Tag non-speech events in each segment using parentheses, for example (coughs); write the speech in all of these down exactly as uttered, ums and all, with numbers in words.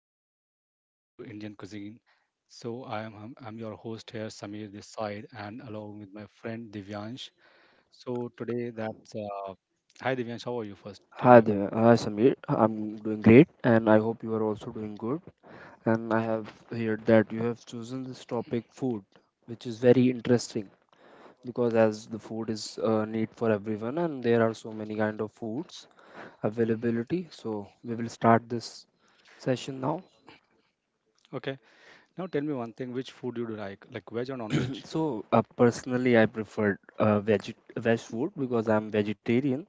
is uh, related to Indian cuisine. So I am I'm I'm your host here, Samir this side, and along with my friend Divyansh. So today that's uh, hi Divyansh, how are you first? Tell Hi me about. there, hi Samir. I'm doing great, and I hope you are also doing good. And I have heard that you have chosen this topic, food, which is very interesting because as the food is a need for everyone, and there are so many kind of foods availability. So we will start this session now. Okay, now tell me one thing. Which food you do like, like veg or non-veg? (clears throat) So uh, personally, I preferred uh, veg veg food because I'm vegetarian.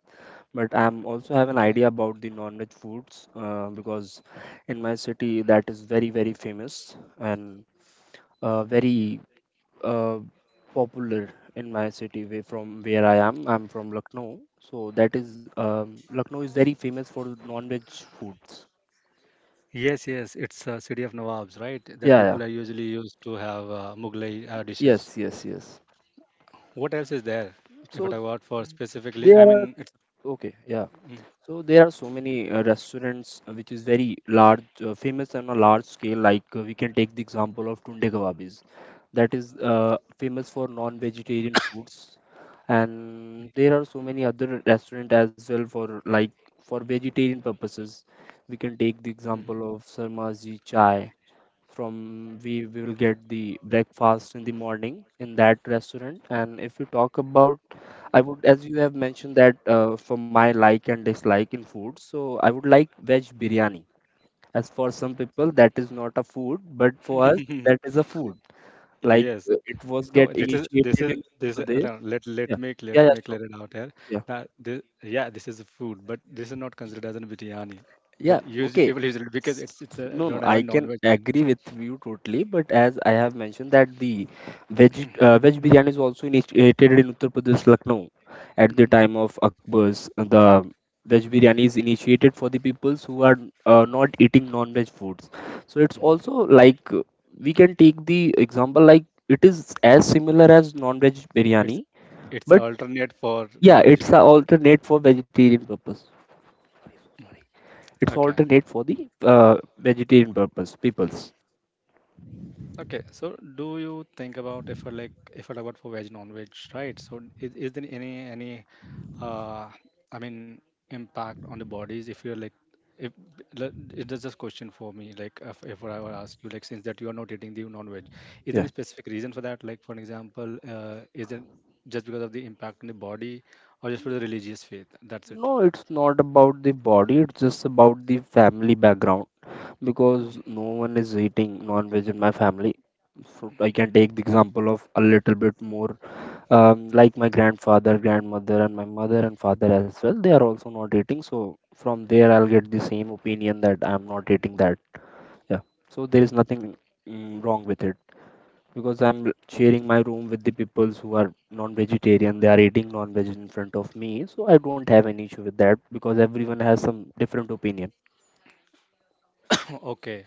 But Okay. I'm also have an idea about the non-veg foods uh, because in my city that is very very famous and uh, very uh, popular in my city way from where I am. I'm from Lucknow, so that is um, Lucknow is very famous for non-veg foods. Yes, yes, it's uh, city of Nawabs, right? The people are Yeah, usually yeah, used to have uh, Mughlai uh, dishes. yes, yes, yes. What else is there? If I talk So about for specifically, I there mean, are it's mm, okay, yeah. So there are so many uh, restaurants uh, which is very large, uh, famous on a large scale. Like uh, we can take the example of Tunde Kebabis, that is uh, famous for non-vegetarian foods, and there are so many other restaurant as well for like for vegetarian purposes. We can take mm, the example of Sarmaji Chai. From we we will get the breakfast in the morning in that restaurant, and if you talk about I would, as you have mentioned that uh, for my like and dislike in food, so I would like veg biryani. As for some people, that is not a food, but for us, mm. (laughs) that is a food. Like Yes. uh, it was get No, this is this initiated is in Uttar this. is- Pradesh. No, let let Yeah, me yeah, let yeah, me sure. clear it out here. Yeah. That this, yeah, this is a food, but this is not considered as a biryani. Yeah, But usually okay. people usually because S- it's it's a, No, no, don't have a I can non-veg. uh, agree with you totally, but as I have mentioned that the veg uh, veg biryani is also initiated in Uttar Pradesh, Lucknow at the time of Akbar's. uh, The veg biryani is initiated for the peoples who are uh, not eating non-veg foods. So it's also like uh, we can take the example like it is as similar as non-veg biryani, It's it's an but alternate for yeah, it's an non-vegetarian. alternate for vegetarian purpose it's Okay. alternate for the uh, vegetarian purpose peoples. Okay, so do you think about if I like if I talk about for veg non-veg, right? So is, is there any any uh I mean impact on the bodies if you're like if le- it is just question for me like if, if I were ask you like since that you are not eating the non-veg, is there Yeah, any specific reason for that? Like for an example, uh, is it just because of the impact on the body or just for the religious faith? That's no, it. it's not about the body, it's just about the family background because no one is eating non-veg in my family, so I can take the example of a little bit more. Um, like my grandfather, grandmother and my mother and father as well, they are also not eating, so from there I'll get the same opinion that I'm not eating that. Yeah, so there is nothing mm, wrong with it because I'm sharing my room with the peoples who are non-vegetarian. They are eating non-veg in front of me, so I don't have any issue with that because everyone has some different opinion. (clears throat) Okay,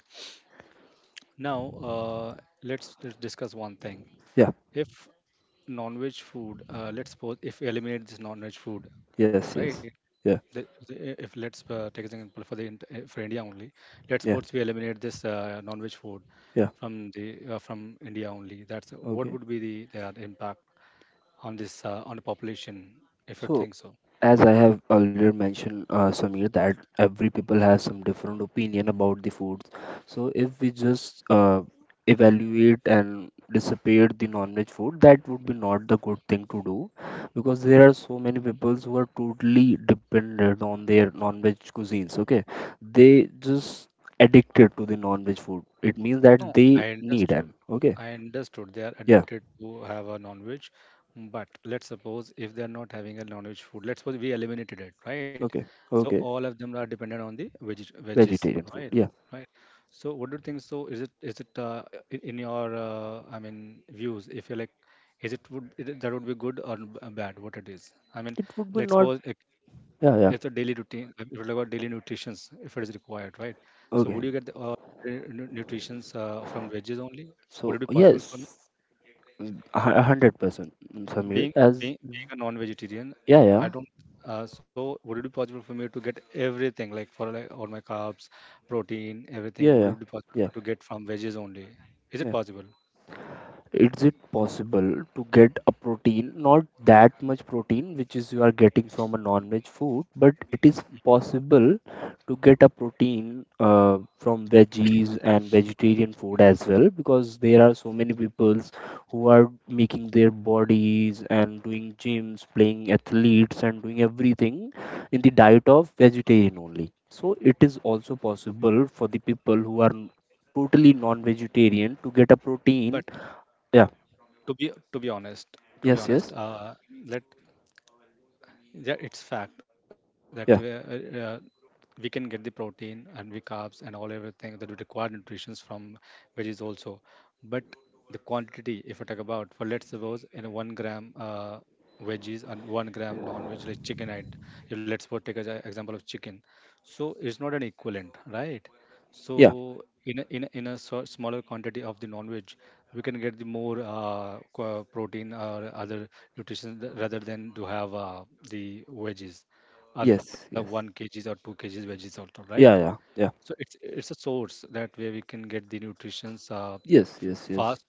now uh, let's, let's discuss one thing. Yeah. If non-veg food, uh, let's suppose if we eliminate this non-veg food, Yes. right? Yes. Yeah. The, the, if let's uh, take an example for the int- uh, for India only, let's Yeah. suppose we eliminate this uh, non-veg food Yeah. from the uh, from India only. That's what Okay. would be the their impact on this uh, on the population, if you So think so. as I have already mentioned, uh, Samir, that every people has some different opinion about the foods. So if we just uh, evaluate and dissipate the non-veg food, that would be not the good thing to do, because there are so many peoples who are totally dependent on their non-veg cuisines. Okay, they just addicted to the non-veg food. It means that No, they I need understood. an okay, I understood they are yeah, addicted to have a non-veg, but let's suppose if they are not having a non-veg food, let's suppose we eliminated it, right? okay, So okay, all of them are dependent on the veggies, veggies, vegetarian food. right? Yeah, Right. So what do you think? So is it is it uh, in, in your uh, I mean views? If you're like, is it would is it, that would be good or b- uh, bad? What it is? I mean, it would be let's not. suppose it, it's a daily Yeah, yeah. routine. If you talk about daily nutritions, if it is required, right? So would you get the, Okay. uh, uh, nu- nutritions uh, from veggies only? Would it So be possible for me? yes, mm, a hu- a hundred percent, mm, Samir. Being As being being a non-vegetarian, yeah, I yeah, don't. Uh, so would it be possible for me to get everything like for like all my carbs, protein, everything? yeah, Would yeah, it be possible for, yeah, to get from veggies only? Is it yeah. possible? Is it possible to get a protein, not that much protein, which is you are getting from a non-veg food, but it is possible to get a protein uh, from veggies and vegetarian food as well, because there are so many peoples who are making their bodies and doing gyms, playing athletes, and doing everything in the diet of vegetarian only. So it is also possible for the people who are n- totally non-vegetarian to get a But protein. to be to be honest, to be Yes, honest, yes. uh, let yeah it's fact that we, uh, Yeah, uh, we can get the protein and we carbs and all everything that we require nutrition from veggies also, but the quantity, if I talk about for let's suppose in one gram uh, veggies and one gram non-veg like chicken, right? If let's suppose take an example of chicken, so it's not an equivalent, right? yeah, So in a, in a, in a so- smaller quantity of the non-veg we can get the more uh, qua- protein or other nutrition th- rather than to have uh, the veggies, other one yes, kgs yes. or two kgs veggies also, right? Yeah, yeah, So yeah. it's it's a source that way we can get the nutritions uh, f- Yes, yes, yes. fast,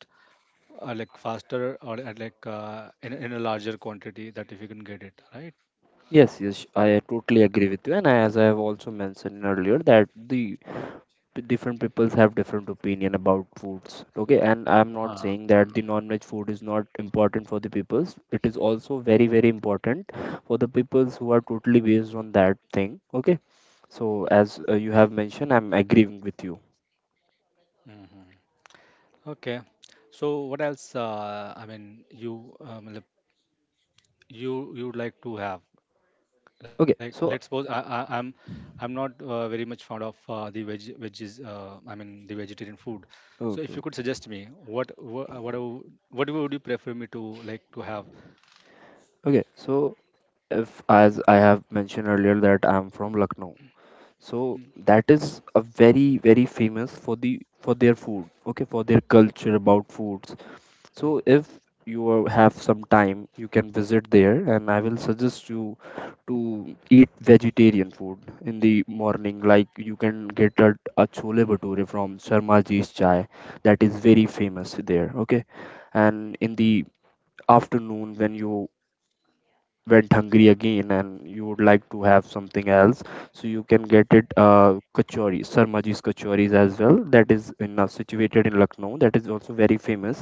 uh, like faster or at like uh, in, in a larger quantity that if you can get it, right? Yes, yes. I totally agree with you. And I- as I have also mentioned earlier, that the p- different peoples have different opinion about foods. Okay, and I'm Uh, not saying uh, that the non-veg food is not important for the peoples. It is also very, very important for the peoples who are totally based on that thing. Okay, so as uh, you have mentioned, I'm agreeing with you. hmm. Okay. So what else? Uh, I mean, you um, you you would like to have? like Okay, let's suppose so I, I i'm I'm not uh, very much fond of uh, the veg veggies, uh, I mean the vegetarian food. So okay, if you could okay, suggest me what what what, do- what would you prefer me to like to have. okay. So if as I have mentioned earlier that I'm from Lucknow. Mm, So that is a very very famous for the for their food, okay, for their culture about foods. mm. So if you are- have some time, you can visit there, and I will suggest you to eat vegetarian food in the morning. Like you can get a, a chole bhature from Sharma Ji's Chai, that is very famous there, okay. And in the afternoon, when you went hungry again and you would like to have something else, so you can get it, uh, kachori, Sarmaji's kachoris as well, that is in uh, situated in Lucknow, that is also very famous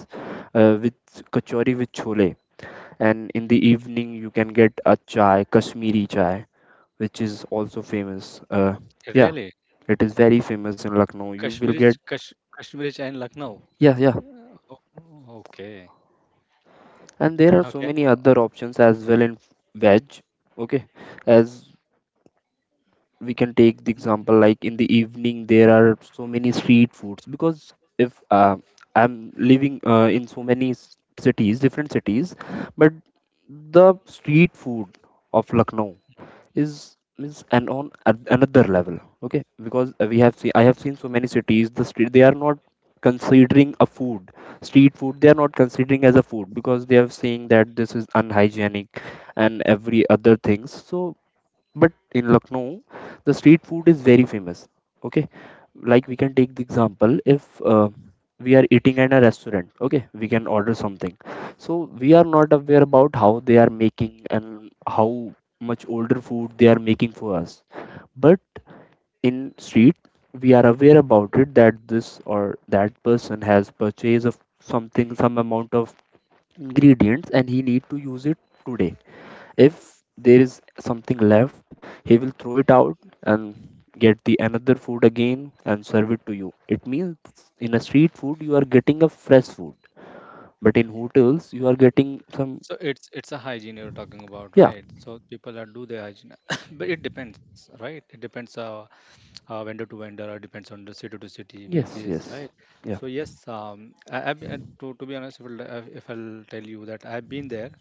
uh, with kachori with chole. And in the evening you can get a chai, Kashmiri chai, which is also famous. Uh, really? Yeah, it is very famous in Lucknow, you Kashmiri ch- will get. Kash, kashmiri chai in lucknow? Yeah, yeah. Yeah, o- okay, And there are so okay. many other options as well in veg. Okay, as we Mm, can take the example like in the evening there are so many street foods because if uh, I'm living uh, in so many s- cities, different cities, but the street food of Lucknow is is an on at another level. Okay, because uh, we have seen, I have seen so many cities the street they are not considering a food, street food they are not considering as a food because they are saying that this is unhygienic and every other things. So but in Lucknow, the street food is very famous. Okay, like we can take the example if uh, we are eating at a restaurant, okay, we can order something. So we are not aware about how they are making and how much older food they are making for us. But in street, we are aware about it that this or that person has purchased of something, some amount of ingredients, and he need to use it today. If there is something left, he will throw it out and get the another food again and serve it to you. It means in a street food you are getting a fresh food, but in hotels you are okay. getting some. So it's it's a hygiene you're talking about, Yeah. right? So people that do their hygiene, (coughs) but it depends, right? It depends uh, uh vendor to vendor, or depends on the city to city, Yes, because yes. right. Yeah, So yes, um, I, I, to to be honest, if I'll, uh, if I'll tell you that I've been there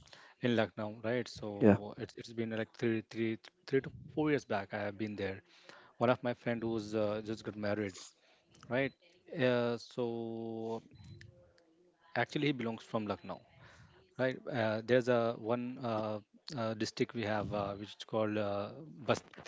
in Lucknow, right? So yeah, it's it's been like three three three to four years back. I have been there. One of my friend who's uh, just got married, right? Uh, so actually he belongs from Lucknow, right? Uh, there's a one uh, uh, district we have uh, which is called uh, Basti.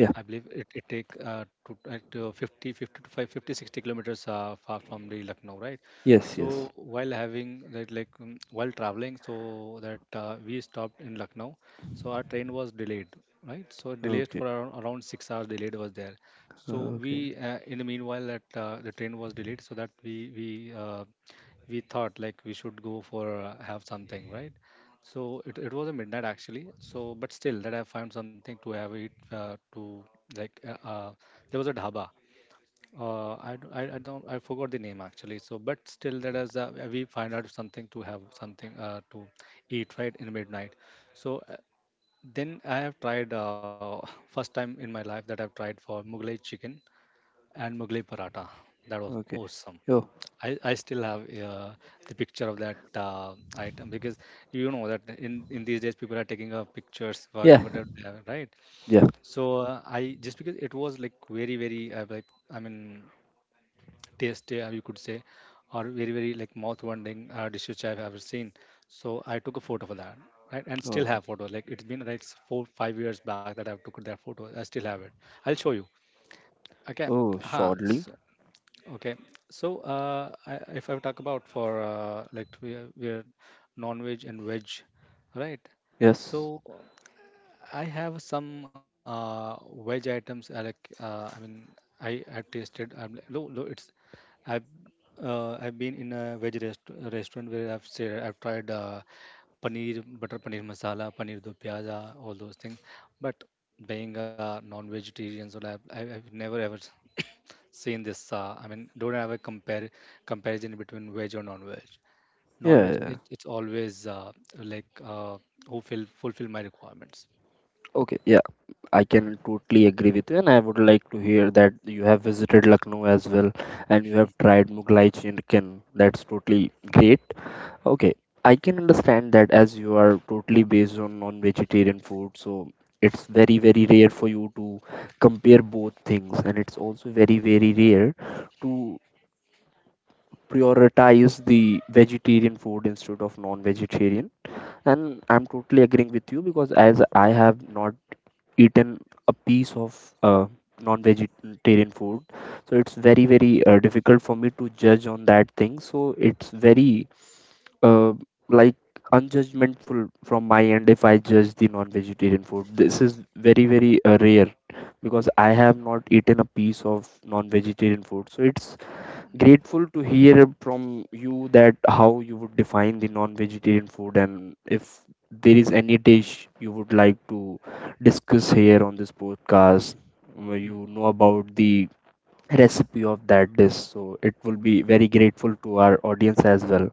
I believe it, it take uh, to, at, uh, fifty, fifty to five, fifty, sixty kilometers uh, far from the Lucknow, right? Yes, yes. So while having that, like um, while traveling, so that uh, we stopped in Lucknow, so our train was delayed, right? So delayed Okay. for around, around six hours delayed was there. So Okay. we, uh, in the meanwhile, that uh, the train was delayed, so that we we uh, we thought like we should go for uh, have something, right? So it, it was a midnight actually. So but still that I found something to have it uh, to like uh, uh, there was a dhaba. Uh, I, d- I I don't I forgot the name actually. So but still that is uh, we find out something to have something uh, to eat right in midnight. So uh, then I have tried uh, (laughs) first time in my life that I've tried for Mughlai chicken and Mughlai paratha. That was Okay. awesome. Oh. I, I still have uh, the picture of that uh, item because you know that in, in these days people are taking up pictures for Yeah, whatever they are right. yeah. So uh, I just because it was like very very uh, like I mean tasty, uh, you could say, or very very like mouth watering uh, dish which I've ever seen. So I took a photo for that, right, and still Oh. have photo like it's been right four five years back that I've took that photo. I still have it. I'll show you. Okay. Oh, Huh. shortly. So, okay. So, uh, I, if I talk about for uh, like we are, we are non-veg and veg, right? Yes. So I have some uh, veg items. I like. Uh, I mean, I I tasted. I'm like, no, no. It's I've uh, I've been in a veg rest restaurant where I've said I've tried uh, paneer, butter paneer masala, paneer do pyaza, all those things. But being a non-vegetarian, so I've I've I've never ever seen this. Uh, I mean, don't have a compare comparison between veg or non-veg. Yeah, Non-veg, yeah, yeah. it, it's always uh, like uh, who fill fulfill my requirements. Okay, yeah. I can totally agree with you, and I would like to hear that you have visited Lucknow as well, and you have tried Mughlai chicken. That's totally great. Okay, I can understand that as you are totally based on non-vegetarian food, so it's very very rare for you to compare both things, and it's also very very rare to prioritize the vegetarian food instead of non-vegetarian. And I'm totally agreeing with you because as I have not eaten a piece of uh, non-vegetarian food, so it's very very uh, difficult for me to judge on that thing. So it's very uh, like unjudgmentful from my end if I judge the non-vegetarian food. This is very very uh, rare because I have not eaten a piece of non-vegetarian food, so it's grateful to Hmm. hear from you that how you would define the non-vegetarian food. And if there is any dish you would like to discuss here on this podcast where Mm. you know about the recipe of that dish, so it will be very grateful to our audience as well.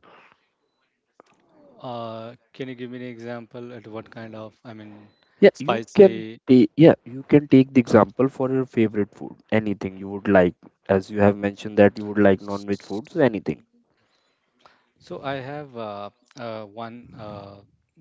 Uh, can you give me an example at what kind of, I mean, Yeah, you can spicy? take, yeah, you can uh, take the example for your favorite food, anything you would like. As you have mentioned that you would like non-veg food, so anything. So I have uh, uh, one, uh,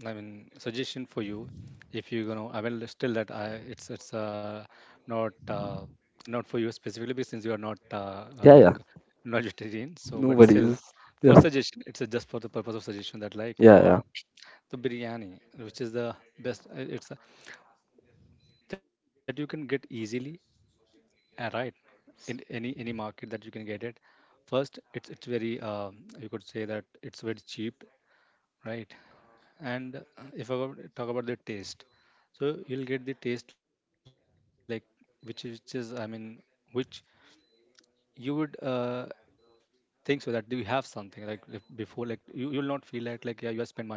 I mean, suggestion for you. If you're gonna, I will still that I it's it's uh, not uh, not for you specifically because since you are not uh, uh, Yeah, like yeah. not (laughs) vegetarian. So, No but still, worries. for Yeah, suggestion, it's uh, just for the purpose of suggestion that like yeah, yeah. for the biryani, which is the best. Uh, It's uh, That you can get easily, uh, right? In any any market that you can get it. First, it's it's very um, you could say that it's very cheap, right? And uh, if I go- talk about the taste, so you'll get the taste like which is, which is I mean which you would uh, think so that do you have something like if before like you you will not feel like like yeah you have spent money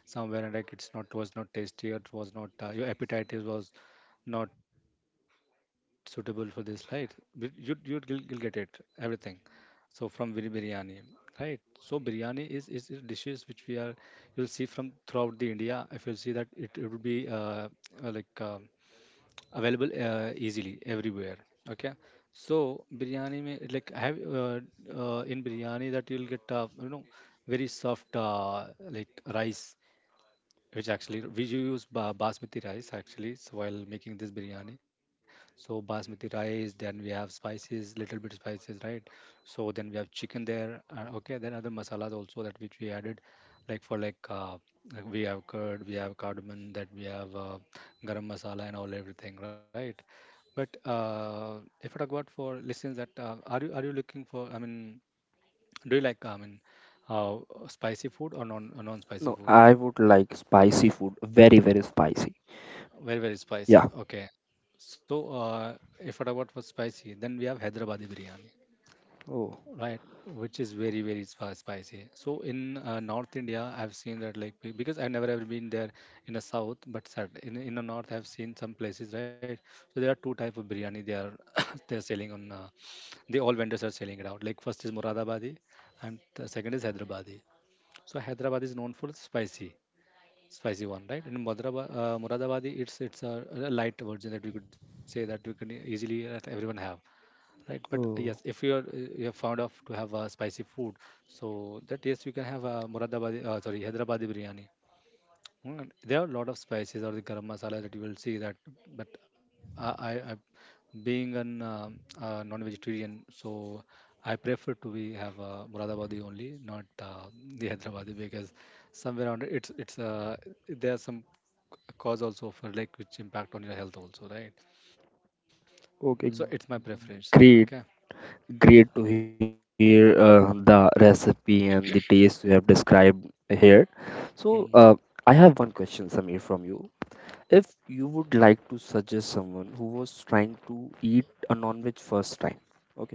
somewhere and like it's not was not tasty or it was not uh, your appetite is was not suitable for this, right? But you you will you'll get it everything. So from bir- biryani, right? So biryani is, is is dishes which we are you'll see from throughout the india, if you'll see that it, it would be uh, uh, like uh, available uh, easily everywhere. Okay. So biryani may like have uh, uh, in biryani that you'll get, uh, you know, very soft uh, like rice, which actually we use ba- basmati rice actually. So while making this biryani, so basmati rice, then we have spices little bit spices, right? So then we have chicken there, uh, okay, then other masalas also that which we added, like for like uh, like we have curd, we have cardamom, that we have uh, garam masala and all everything, right? But uh, if I talk about for listeners that uh, are you are you looking for I mean do you like I mean uh, spicy food or non non spicy No, food? I would like spicy food, very, very spicy. Very, very spicy. Yeah. Okay. So, uh, if what about for spicy, then we have Hyderabadi biryani, Oh, right? Which is very, very spi- spicy. So, in uh, North India, I've seen that like be- because I've never ever been there in the South, but sat- in in the North, I've seen some places, right? So there are two type of biryani they are (coughs) they're selling on. Uh, they all vendors are selling it out. Like first is Moradabadi, and the second is Hyderabadi. So Hyderabad is known for spicy spicy one, right? In Madhuraba, uh, Muradabadi, it's it's a, a light version that we could say that we can e-, easily that everyone have, right? But uh, yes, if you are uh, oh, you are fond of to have uh, spicy food, so that yes, you can have uh, Muradabadi, uh, sorry, Hyderabadi biryani. Mm, there are a lot of spices or the garam masala that you will see that, but I, I, I being an um uh, non-vegetarian, so I prefer to be have uh, Muradabadi only, not uh, the Hyderabadi because somewhere around it, it's it's uh, there are some the cause also for like which impact on your health also, right? So it's my preference. okay. Okay. Great, great to hear uh, the recipe and the taste you have described here. So, uh, I Mm. have one question, Samir, from you. If you would like to suggest someone who was trying to eat a non-veg first time, okay,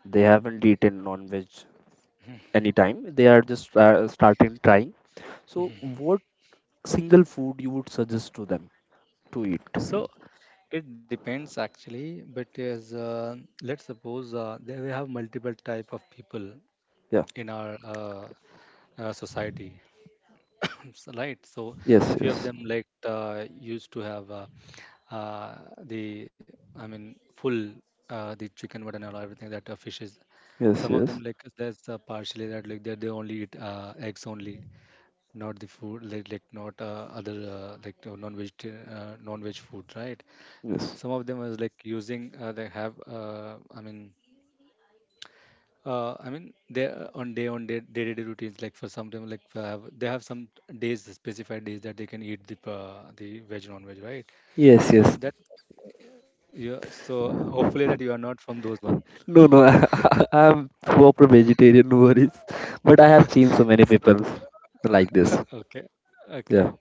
they haven't eaten non-veg anytime, they are just uh, starting trying. So, what single food you would suggest to them to eat? So it depends actually, but as uh, let's suppose uh, there we have multiple type of people Yeah. in our uh, uh, society, (coughs) so, right? So few Yes. of them Yes. like uh, used to have uh, uh, the I mean full uh, the chicken mutton and all everything that uh, fishes. Some Yes. of them Yes. like that's uh, partially that like they they only eat uh, eggs only. Not the food like like not uh, other uh, like uh, non-veg uh, non-veg food, right? Yes. Some of them was like using uh, they have uh, i mean uh, i mean they are on day on day day-to-day routines like for some them like uh, have, they have some days specified days that they can eat the uh, the veg non-veg, right? Yes. So Yes. that yeah, so hopefully that you are not from those one. No. No. (laughs) I, I'm proper vegetarian. No worries. But I have seen so many So, people like this. okay, okay. Yeah.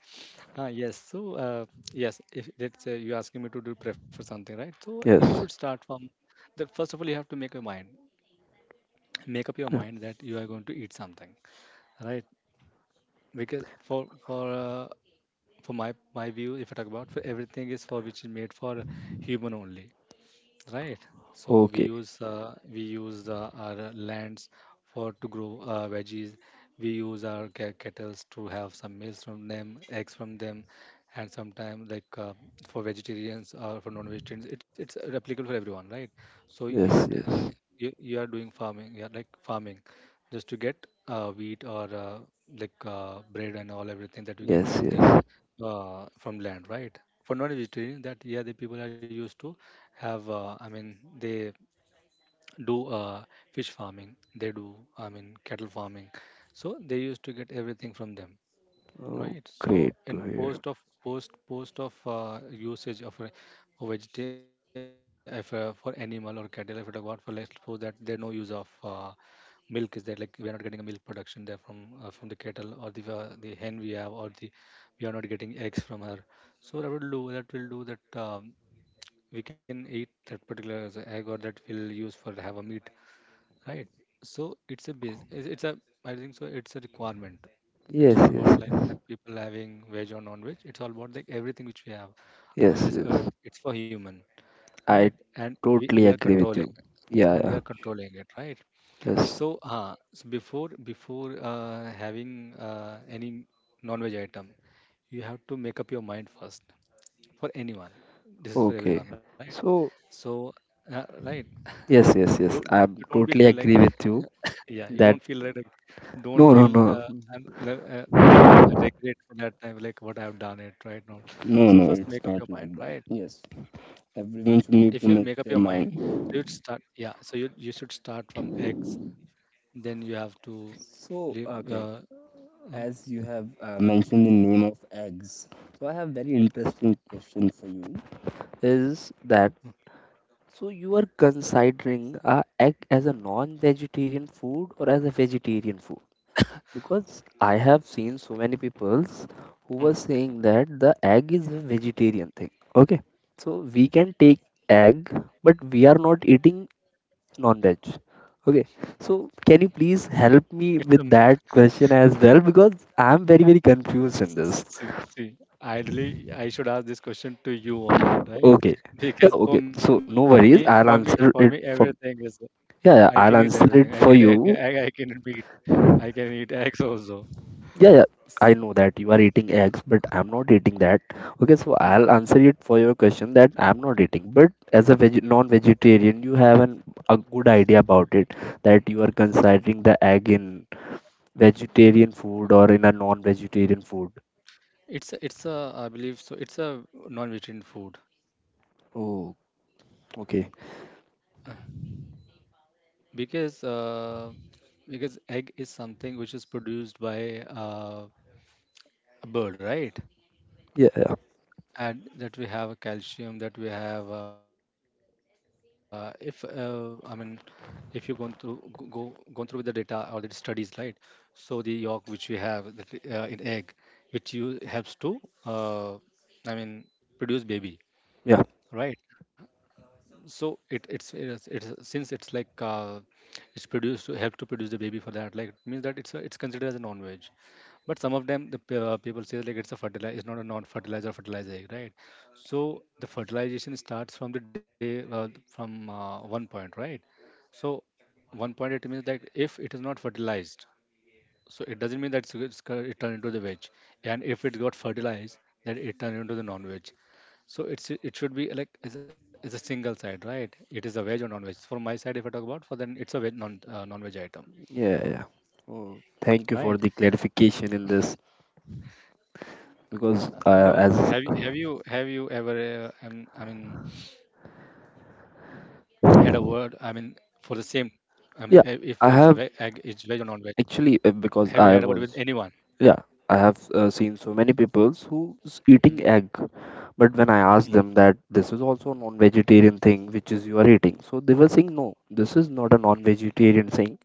Ah, yes. So, uh, yes, if let's say you're asking me to do prefer something, right? So you should Yes. start from the first of all, you have to make your mind, make up your Yeah. mind that you are going to eat something, right? Because for for uh, for my my view, if I talk about for everything is for which is made for human only, right? So we Okay. use uh, we use uh, our lands for to grow uh, veggies. We use our ca- kettles to have some meals from them, eggs from them, and sometimes like uh, for vegetarians or for non-vegetarians, it, it's applicable for everyone, right? So you are Yes. t- uh, Yes. you, you are doing farming, yeah, like farming just to get uh, wheat or uh, like uh, bread and all everything that you get Yes. from the Yes. uh, from land, right? For non-vegetarian, that yeah, the people are used to have uh, i mean they do uh, fish farming, they do i mean cattle farming, so they used to get everything from them, Oh, right? So great in to hear. post of post post of uh, usage of a, a vegeta- if, uh, for animal or cattle if you talk about for, let's suppose that there no use of uh, milk is there, like we are not getting a milk production there from uh, from the cattle or the uh, the hen we have, or the we are not getting eggs from her. So that will do, that will do that um, we can eat that particular as a egg, or that we'll use for have a meat, right? So it's a base it's it's a I think so it's a requirement. It's Yes. not about Yes. like Yes. that people having veg or non-veg, it's all about like everything which we have on Yes. this earth, Yes. it's for human, right? I And we, we totally are agree with controlling you. Yeah. and we Yeah. are controlling it, right? Yes. So uh, so before before uh, having uh, any non-veg item, you have to make up your mind first. For anyone, this is for Okay. everyone, right? So. So, uh, right, Yes. Yes. don't Yes. you you I'm don't be feel totally like, agree with you yeah, you that. don't feel like, like don't No, no, feel no. uh, I'm, le- uh, I mean I regret for that time like what I've done it right now. No, So no, no, first it's make up your not mind, like that. right? Yes, everyone If should you'll make need to up your make mind, their so you'd start, mind. yeah. So you you should start from eggs. Then you have to So, leave. okay, Uh, uh, as you have uh, mentioned the name of eggs, so I have very interesting question for you. Is that so? You are considering a egg as a non-vegetarian food or as a vegetarian food? Because I have seen so many peoples who were mm, saying that the egg is a vegetarian thing. Okay, so we can take egg, but we are not eating non-veg. Okay, so can you please help me it's a with myth. that question as well because I'm very very confused in this. See, see, Ideally, I should ask this question to you only, right? Okay, (laughs) yeah, Because for okay. me, So for no me, for worries, me, I'll everything answer is it for I can eat yeah, yeah, everything. I I'll can (laughs) answer eat it egg. for I can you. eat meat. I can eat eggs also. Yeah, yeah. I know Mm, that you are eating eggs, but I'm not eating that. Okay, so mm. I'll answer it for your question that I'm not eating. But as a veg non-vegetarian, you have an a good idea about it that you are considering the egg in vegetarian food or in a non-vegetarian food. It's a- it's a I believe so. It's a non-vegetarian food. Oh, okay. Uh, because uh, because egg is something which is produced by uh, a bird, right? Yeah, yeah, Add that we have calcium that we have uh, if uh, I mean if you gone through go, go gone through with the data or the studies, right? So the yolk which we have that, uh, in egg, which you helps to uh, i mean produce baby, yeah, right? So it it's it's, it's since it's like uh, it's produced to help to produce the baby, for that like it means that it's a, it's considered as a non-veg. But some of them, the p- uh, people say like it's a fertilizer, it's not a non-fertilizer or fertilizer, egg, right? So the fertilization starts from the day uh, from uh, one point, right? So one point it means that if it is not fertilized, so it doesn't mean that it's, it's, co- it turned into the veg, and if it got fertilized, then it turned into the non-veg. So it's it should be like it's, it's a single side, right? It is a veg or non-veg. So, for my side, if I talk about, for then it's a veg non uh, non-veg item, yeah, yeah. Oh, thank you right? for the clarification in this because Uh, uh, No, as have you have you have you ever uh, um, I mean had a word, I mean for the same, I mean i- if if yeah, ve- egg I is have veg or non veg, actually have uh, you had a word because with I anyone? was, yeah, I have uh, seen so many peoples who's eating Mm, egg, but when I asked mm. them that this is also a non-vegetarian thing which is you are eating, so they were saying no, this is not a non-vegetarian thing.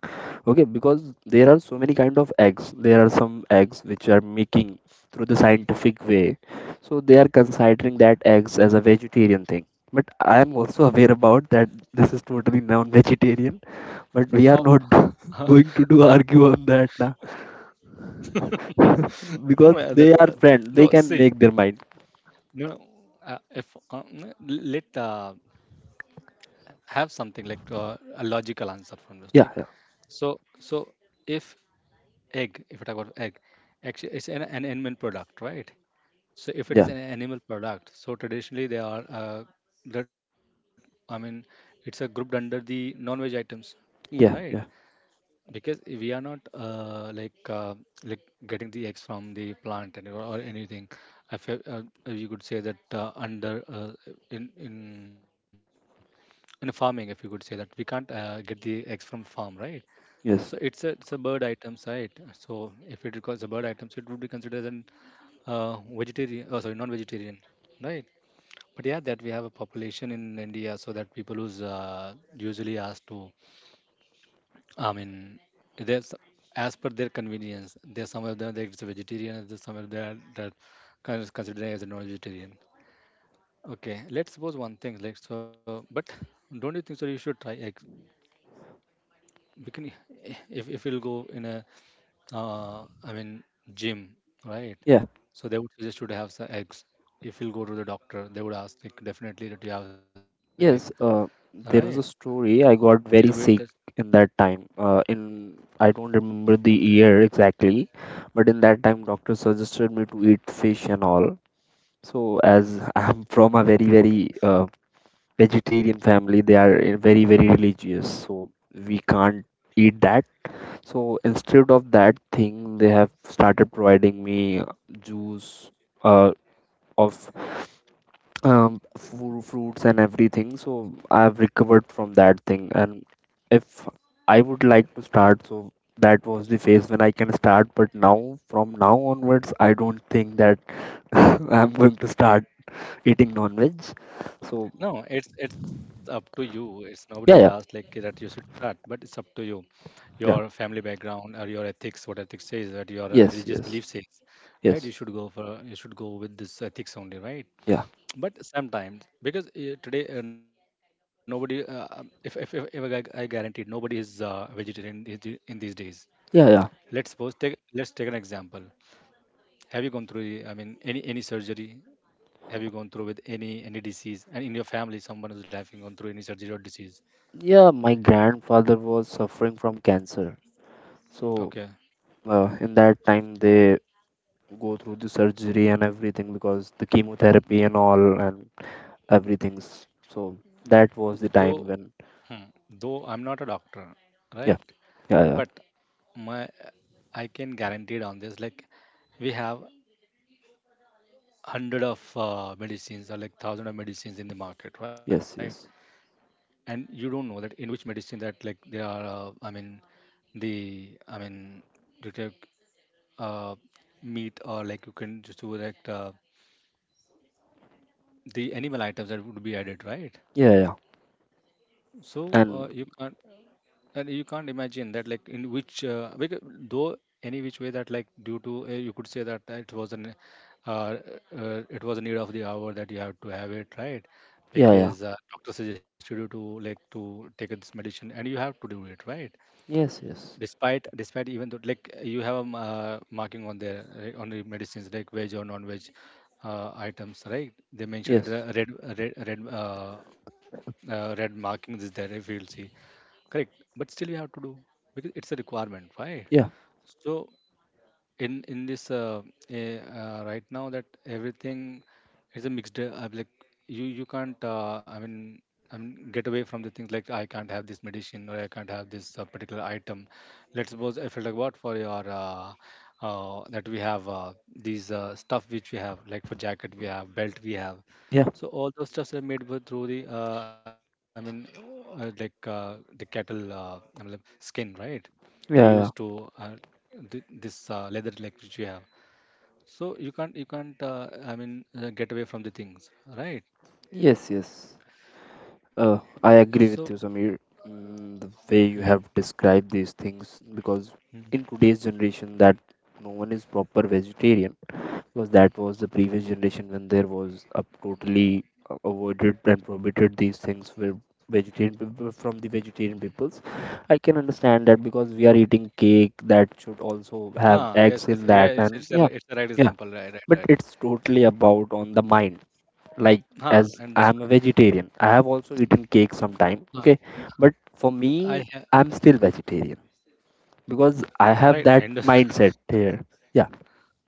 Okay, because there are so many kind of eggs. There are some eggs which are making through the scientific way. So they are considering that eggs as a vegetarian thing. But I am also aware about that this is totally non-vegetarian. How? But we (laughs) are not (laughs) going to do argue on that now. No no, uh, (laughs) that's Because uh, they are no, see, friends. They can make their mind. no no, uh, if uh, n- let uh, have something like uh, a logical answer from this, like Yeah, yeah, so so if egg, if we talk about egg, actually it's an, an animal product, right? So if it is yeah, an animal product, so traditionally they are uh, that I mean it's a grouped under the non-veg items, right? yeah, yeah. Because we are not uh, like uh, like getting the eggs from the plant and or or anything. If you, uh, you could say that uh, under uh, in in in farming, if you could say that we can't uh, get the eggs from farm, right? So it's a Yes. it's a bird items, right? So if it requires a bird items, it would be considered as an uh, vegetarian. Oh, sorry, non-vegetarian, right? But yeah, that we have a population in India, so that people who's uh, usually asked to, I mean, there's as per their convenience. There's some of them that it's a vegetarian, and there's some of them that kind of considering as a non-vegetarian. Okay, let's suppose one thing, like so. But don't you think so? You should try eggs. We can, if if you'll go in a, uh, I mean, gym, right? Yeah. So they would suggest you to have some eggs. If you'll go to the doctor, they would ask like definitely that you have egg, Yes, uh, right? there was a story. In a I winter. got very sick in that time. Uh, in I don't remember the year exactly, but in that time, doctor suggested me to eat fish and all. So as (laughs) I'm from a very very uh, vegetarian family, they are uh, very very religious, so we can't eat that. So instead of that thing, they have started providing me juice uh, of um fru- fruits and everything. So I've recovered from that thing, and if I would like to start, so that was the phase when I can start, but now from now onwards I don't think that (laughs) I'm going to start eating non-veg. So No, it's it's up to you. It's nobody would ask yeah, yeah, like that you should start, but it's up to you. Your yeah. family background or your ethics, what ethics says, that your uh, Yes, religious belief yes, says, right? You yes. should go for you should go with this ethics only, right? Yeah, But sometimes because uh, today uh, nobody, uh, um, if if if, if I, gu- I guaranteed nobody is uh, vegetarian is the- in these days. yeah, Let's yeah. suppose take let's take an example. Have you gone through the- I mean, any any surgery? Have you gone through with any any disease, and in your family someone is having gone through any surgery or disease? Yeah, my grandfather was suffering from cancer. So Okay. uh, in that time they go through the surgery and everything because the chemotherapy and all and everything's. So that was the Though time when hmm, though I'm not a doctor, yeah, right? yeah, yeah. But my— I can guarantee on this, like, we have hundred of uh, medicines or like thousand of medicines in the market, right? Yes, yes. And you don't know that in which medicine that, like, they are uh, I mean, the I mean you take uh, meat or like you can just do like uh, the animal items that would be added, right? Yeah, yeah, So uh, and you can't— and you can't imagine that, like, in which uh, because though, any which way that, like, due to uh, you could say that uh, it was an uh, uh, it was a need of the hour that you have to have it, right? yeah, yeah. Because uh, doctor suggested you to like to take this medicine, and you have to do it, right? Yes, yes, Despite despite even though, like, you have a m- uh, marking on there, right, on the medicines, like veg or non-veg uh, items, right? They mentioned that yes. the red red red uh, uh, red markings is there if you'll see. Correct, but still we have to do, because it's a requirement, right? Yeah, So in in this uh, eh, uh, right now, that everything is a mixed uh, uh, like, you you can't uh, I mean— I mean, get away from the things, like I can't have this medicine or I can't have this uh, particular item. Let's suppose, if you like, what for your uh, uh, that we have uh, these uh, stuff which we have, like for jacket we have, belt we have. yeah, So all those stuffs are made with through the uh, I mean uh, like uh, the cattle uh, I mean, like skin, right? We used yeah, to yeah. uh, th- this uh, leather, like, which you have. So you can't you can't uh, I mean uh, get away from the things, right? Yes, yes, uh I So agree with you, Samir. Mm, the hmm, way you have described these things because in hmm. today's generation that no one is proper vegetarian, because that was the previous generation when there was a totally uh, avoided and prohibited these things were vegetarian people from the vegetarian peoples. I can understand that because we are eating cake that should also have Ah yes, eggs yes, in yeah, that, it's, and it's a— yeah, it's a right yeah, example, right, right, but right. it's totally about on the mind, like, Ah, as I am understood. a vegetarian, I have also so, eaten cake sometime, okay? i But ha- for me, I'm still vegetarian right, I because I understand. have that mindset here. Yeah, (laughs)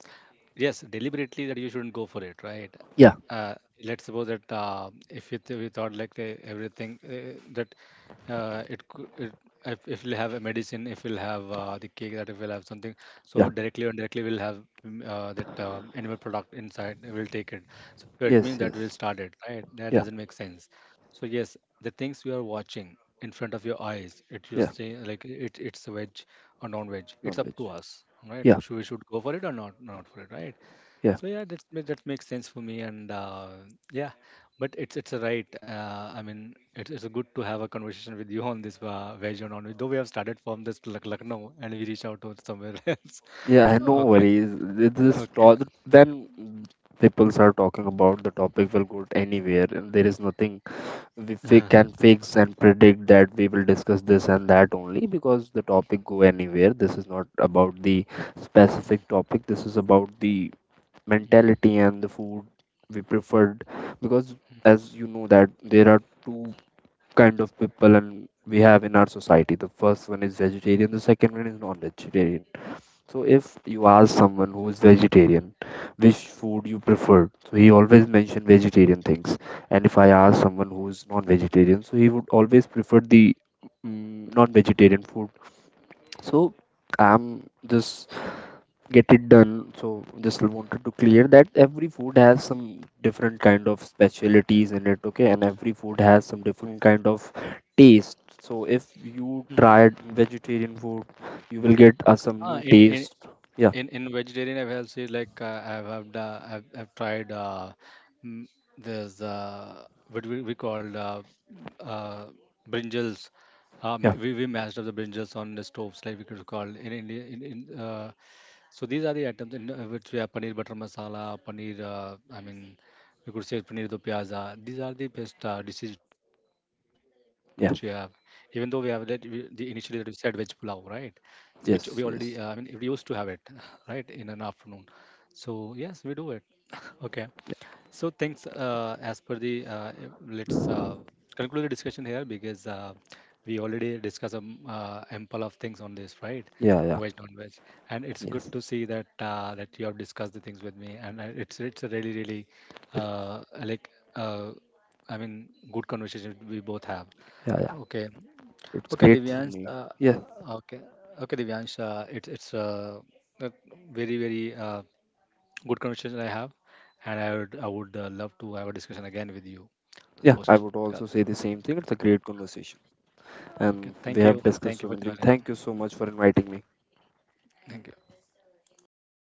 Yes, deliberately, that you shouldn't go for it, right? yeah, uh, let's suppose that uh, if it— we thought like uh, everything uh, that uh, it, cou- it if, if we'll have a medicine, if we'll have uh, the cake, that if we'll have something, so yeah. directly or indirectly we'll have mm, uh, that uh, animal product inside and we'll take it. So it means that Yes, we'll yes. start it, right? That doesn't Yeah, make sense. So yes, the things you are watching in front of your eyes, it— you yeah. see, like, it it's a veg or non-veg. It's up to Non-veg. us, right? Yeah, Should we— should go for it or not? Not for it, right? yeah, So yeah, that that makes sense for me, and uh, yeah, but it's— it's a right. Uh, I mean, it's— it's good to have a conversation with you on this uh, veg or non-veg. Though we have started from this Lak- Lucknow, and we reach out to somewhere (laughs) else. yeah. (laughs) No Okay, worries. It is okay. To- then people are talking about the topic will go anywhere, and there is nothing we Uh, fi- can fix and predict that we will discuss this and that only, because the topic go anywhere. This is not about the mm, specific topic. This is about the mm, mentality and the food we preferred, because, as you know, that there are two kind of people and we have in our society. The first one is vegetarian. The second one is non-vegetarian. So if you ask someone who is vegetarian, which food you prefer, so he always mention vegetarian things. And if I ask someone who is non-vegetarian, so he would always prefer the mm, non-vegetarian food. So I'm just get it done. So just wanted to clear that every food has some different kind of specialities in it, okay? And every food has some different kind of taste. So if you mm. tried vegetarian food, you will get uh, some Ah, new in, in taste. Yeah. in in vegetarian, I've had, see, like uh, I've have the— I've, I've tried uh mm, there's uh what we, we called uh, uh brinjals. Uh, yeah. ma- we, we mashed up the brinjals on the stoves, like we could call in India, in, in uh, so these are the items in uh, which we have paneer butter masala, paneer. Uh, I mean, we could say paneer do pyaza. These are the best uh, dishes which we have. Even though we have that— Yeah. we, the initially that we said veg pulao, right? So which we already, uh, I mean, Yes. we used Yes. to have it, (laughs) right, in an afternoon. So yes, we do it. (laughs) Okay. So thanks. Uh, as per the uh, eh, let's uh, conclude the discussion here, because uh, we already discussed um, uh, ample of things on this, right? Yeah. Yeah. Veg, non-veg, and it's good Yes. to see that uh, that you have discussed the things with me, and uh, it's— it's a really, really It, uh, like uh, I mean, good conversation we both have. yeah. Yeah. Okay, It's okay, great for Divyansh. me. Uh, Yeah. uh, okay, okay, Divyansh. Uh, it's— it's uh, a very, very uh, good conversation I have, and I would I would uh, love to have a discussion again with you on the Yeah. I postcard. would also say the same thing. It's a great conversation, Okay, and thank you, we have thank you for discussed so many joining. things. Thank you so much for inviting me. Thank you.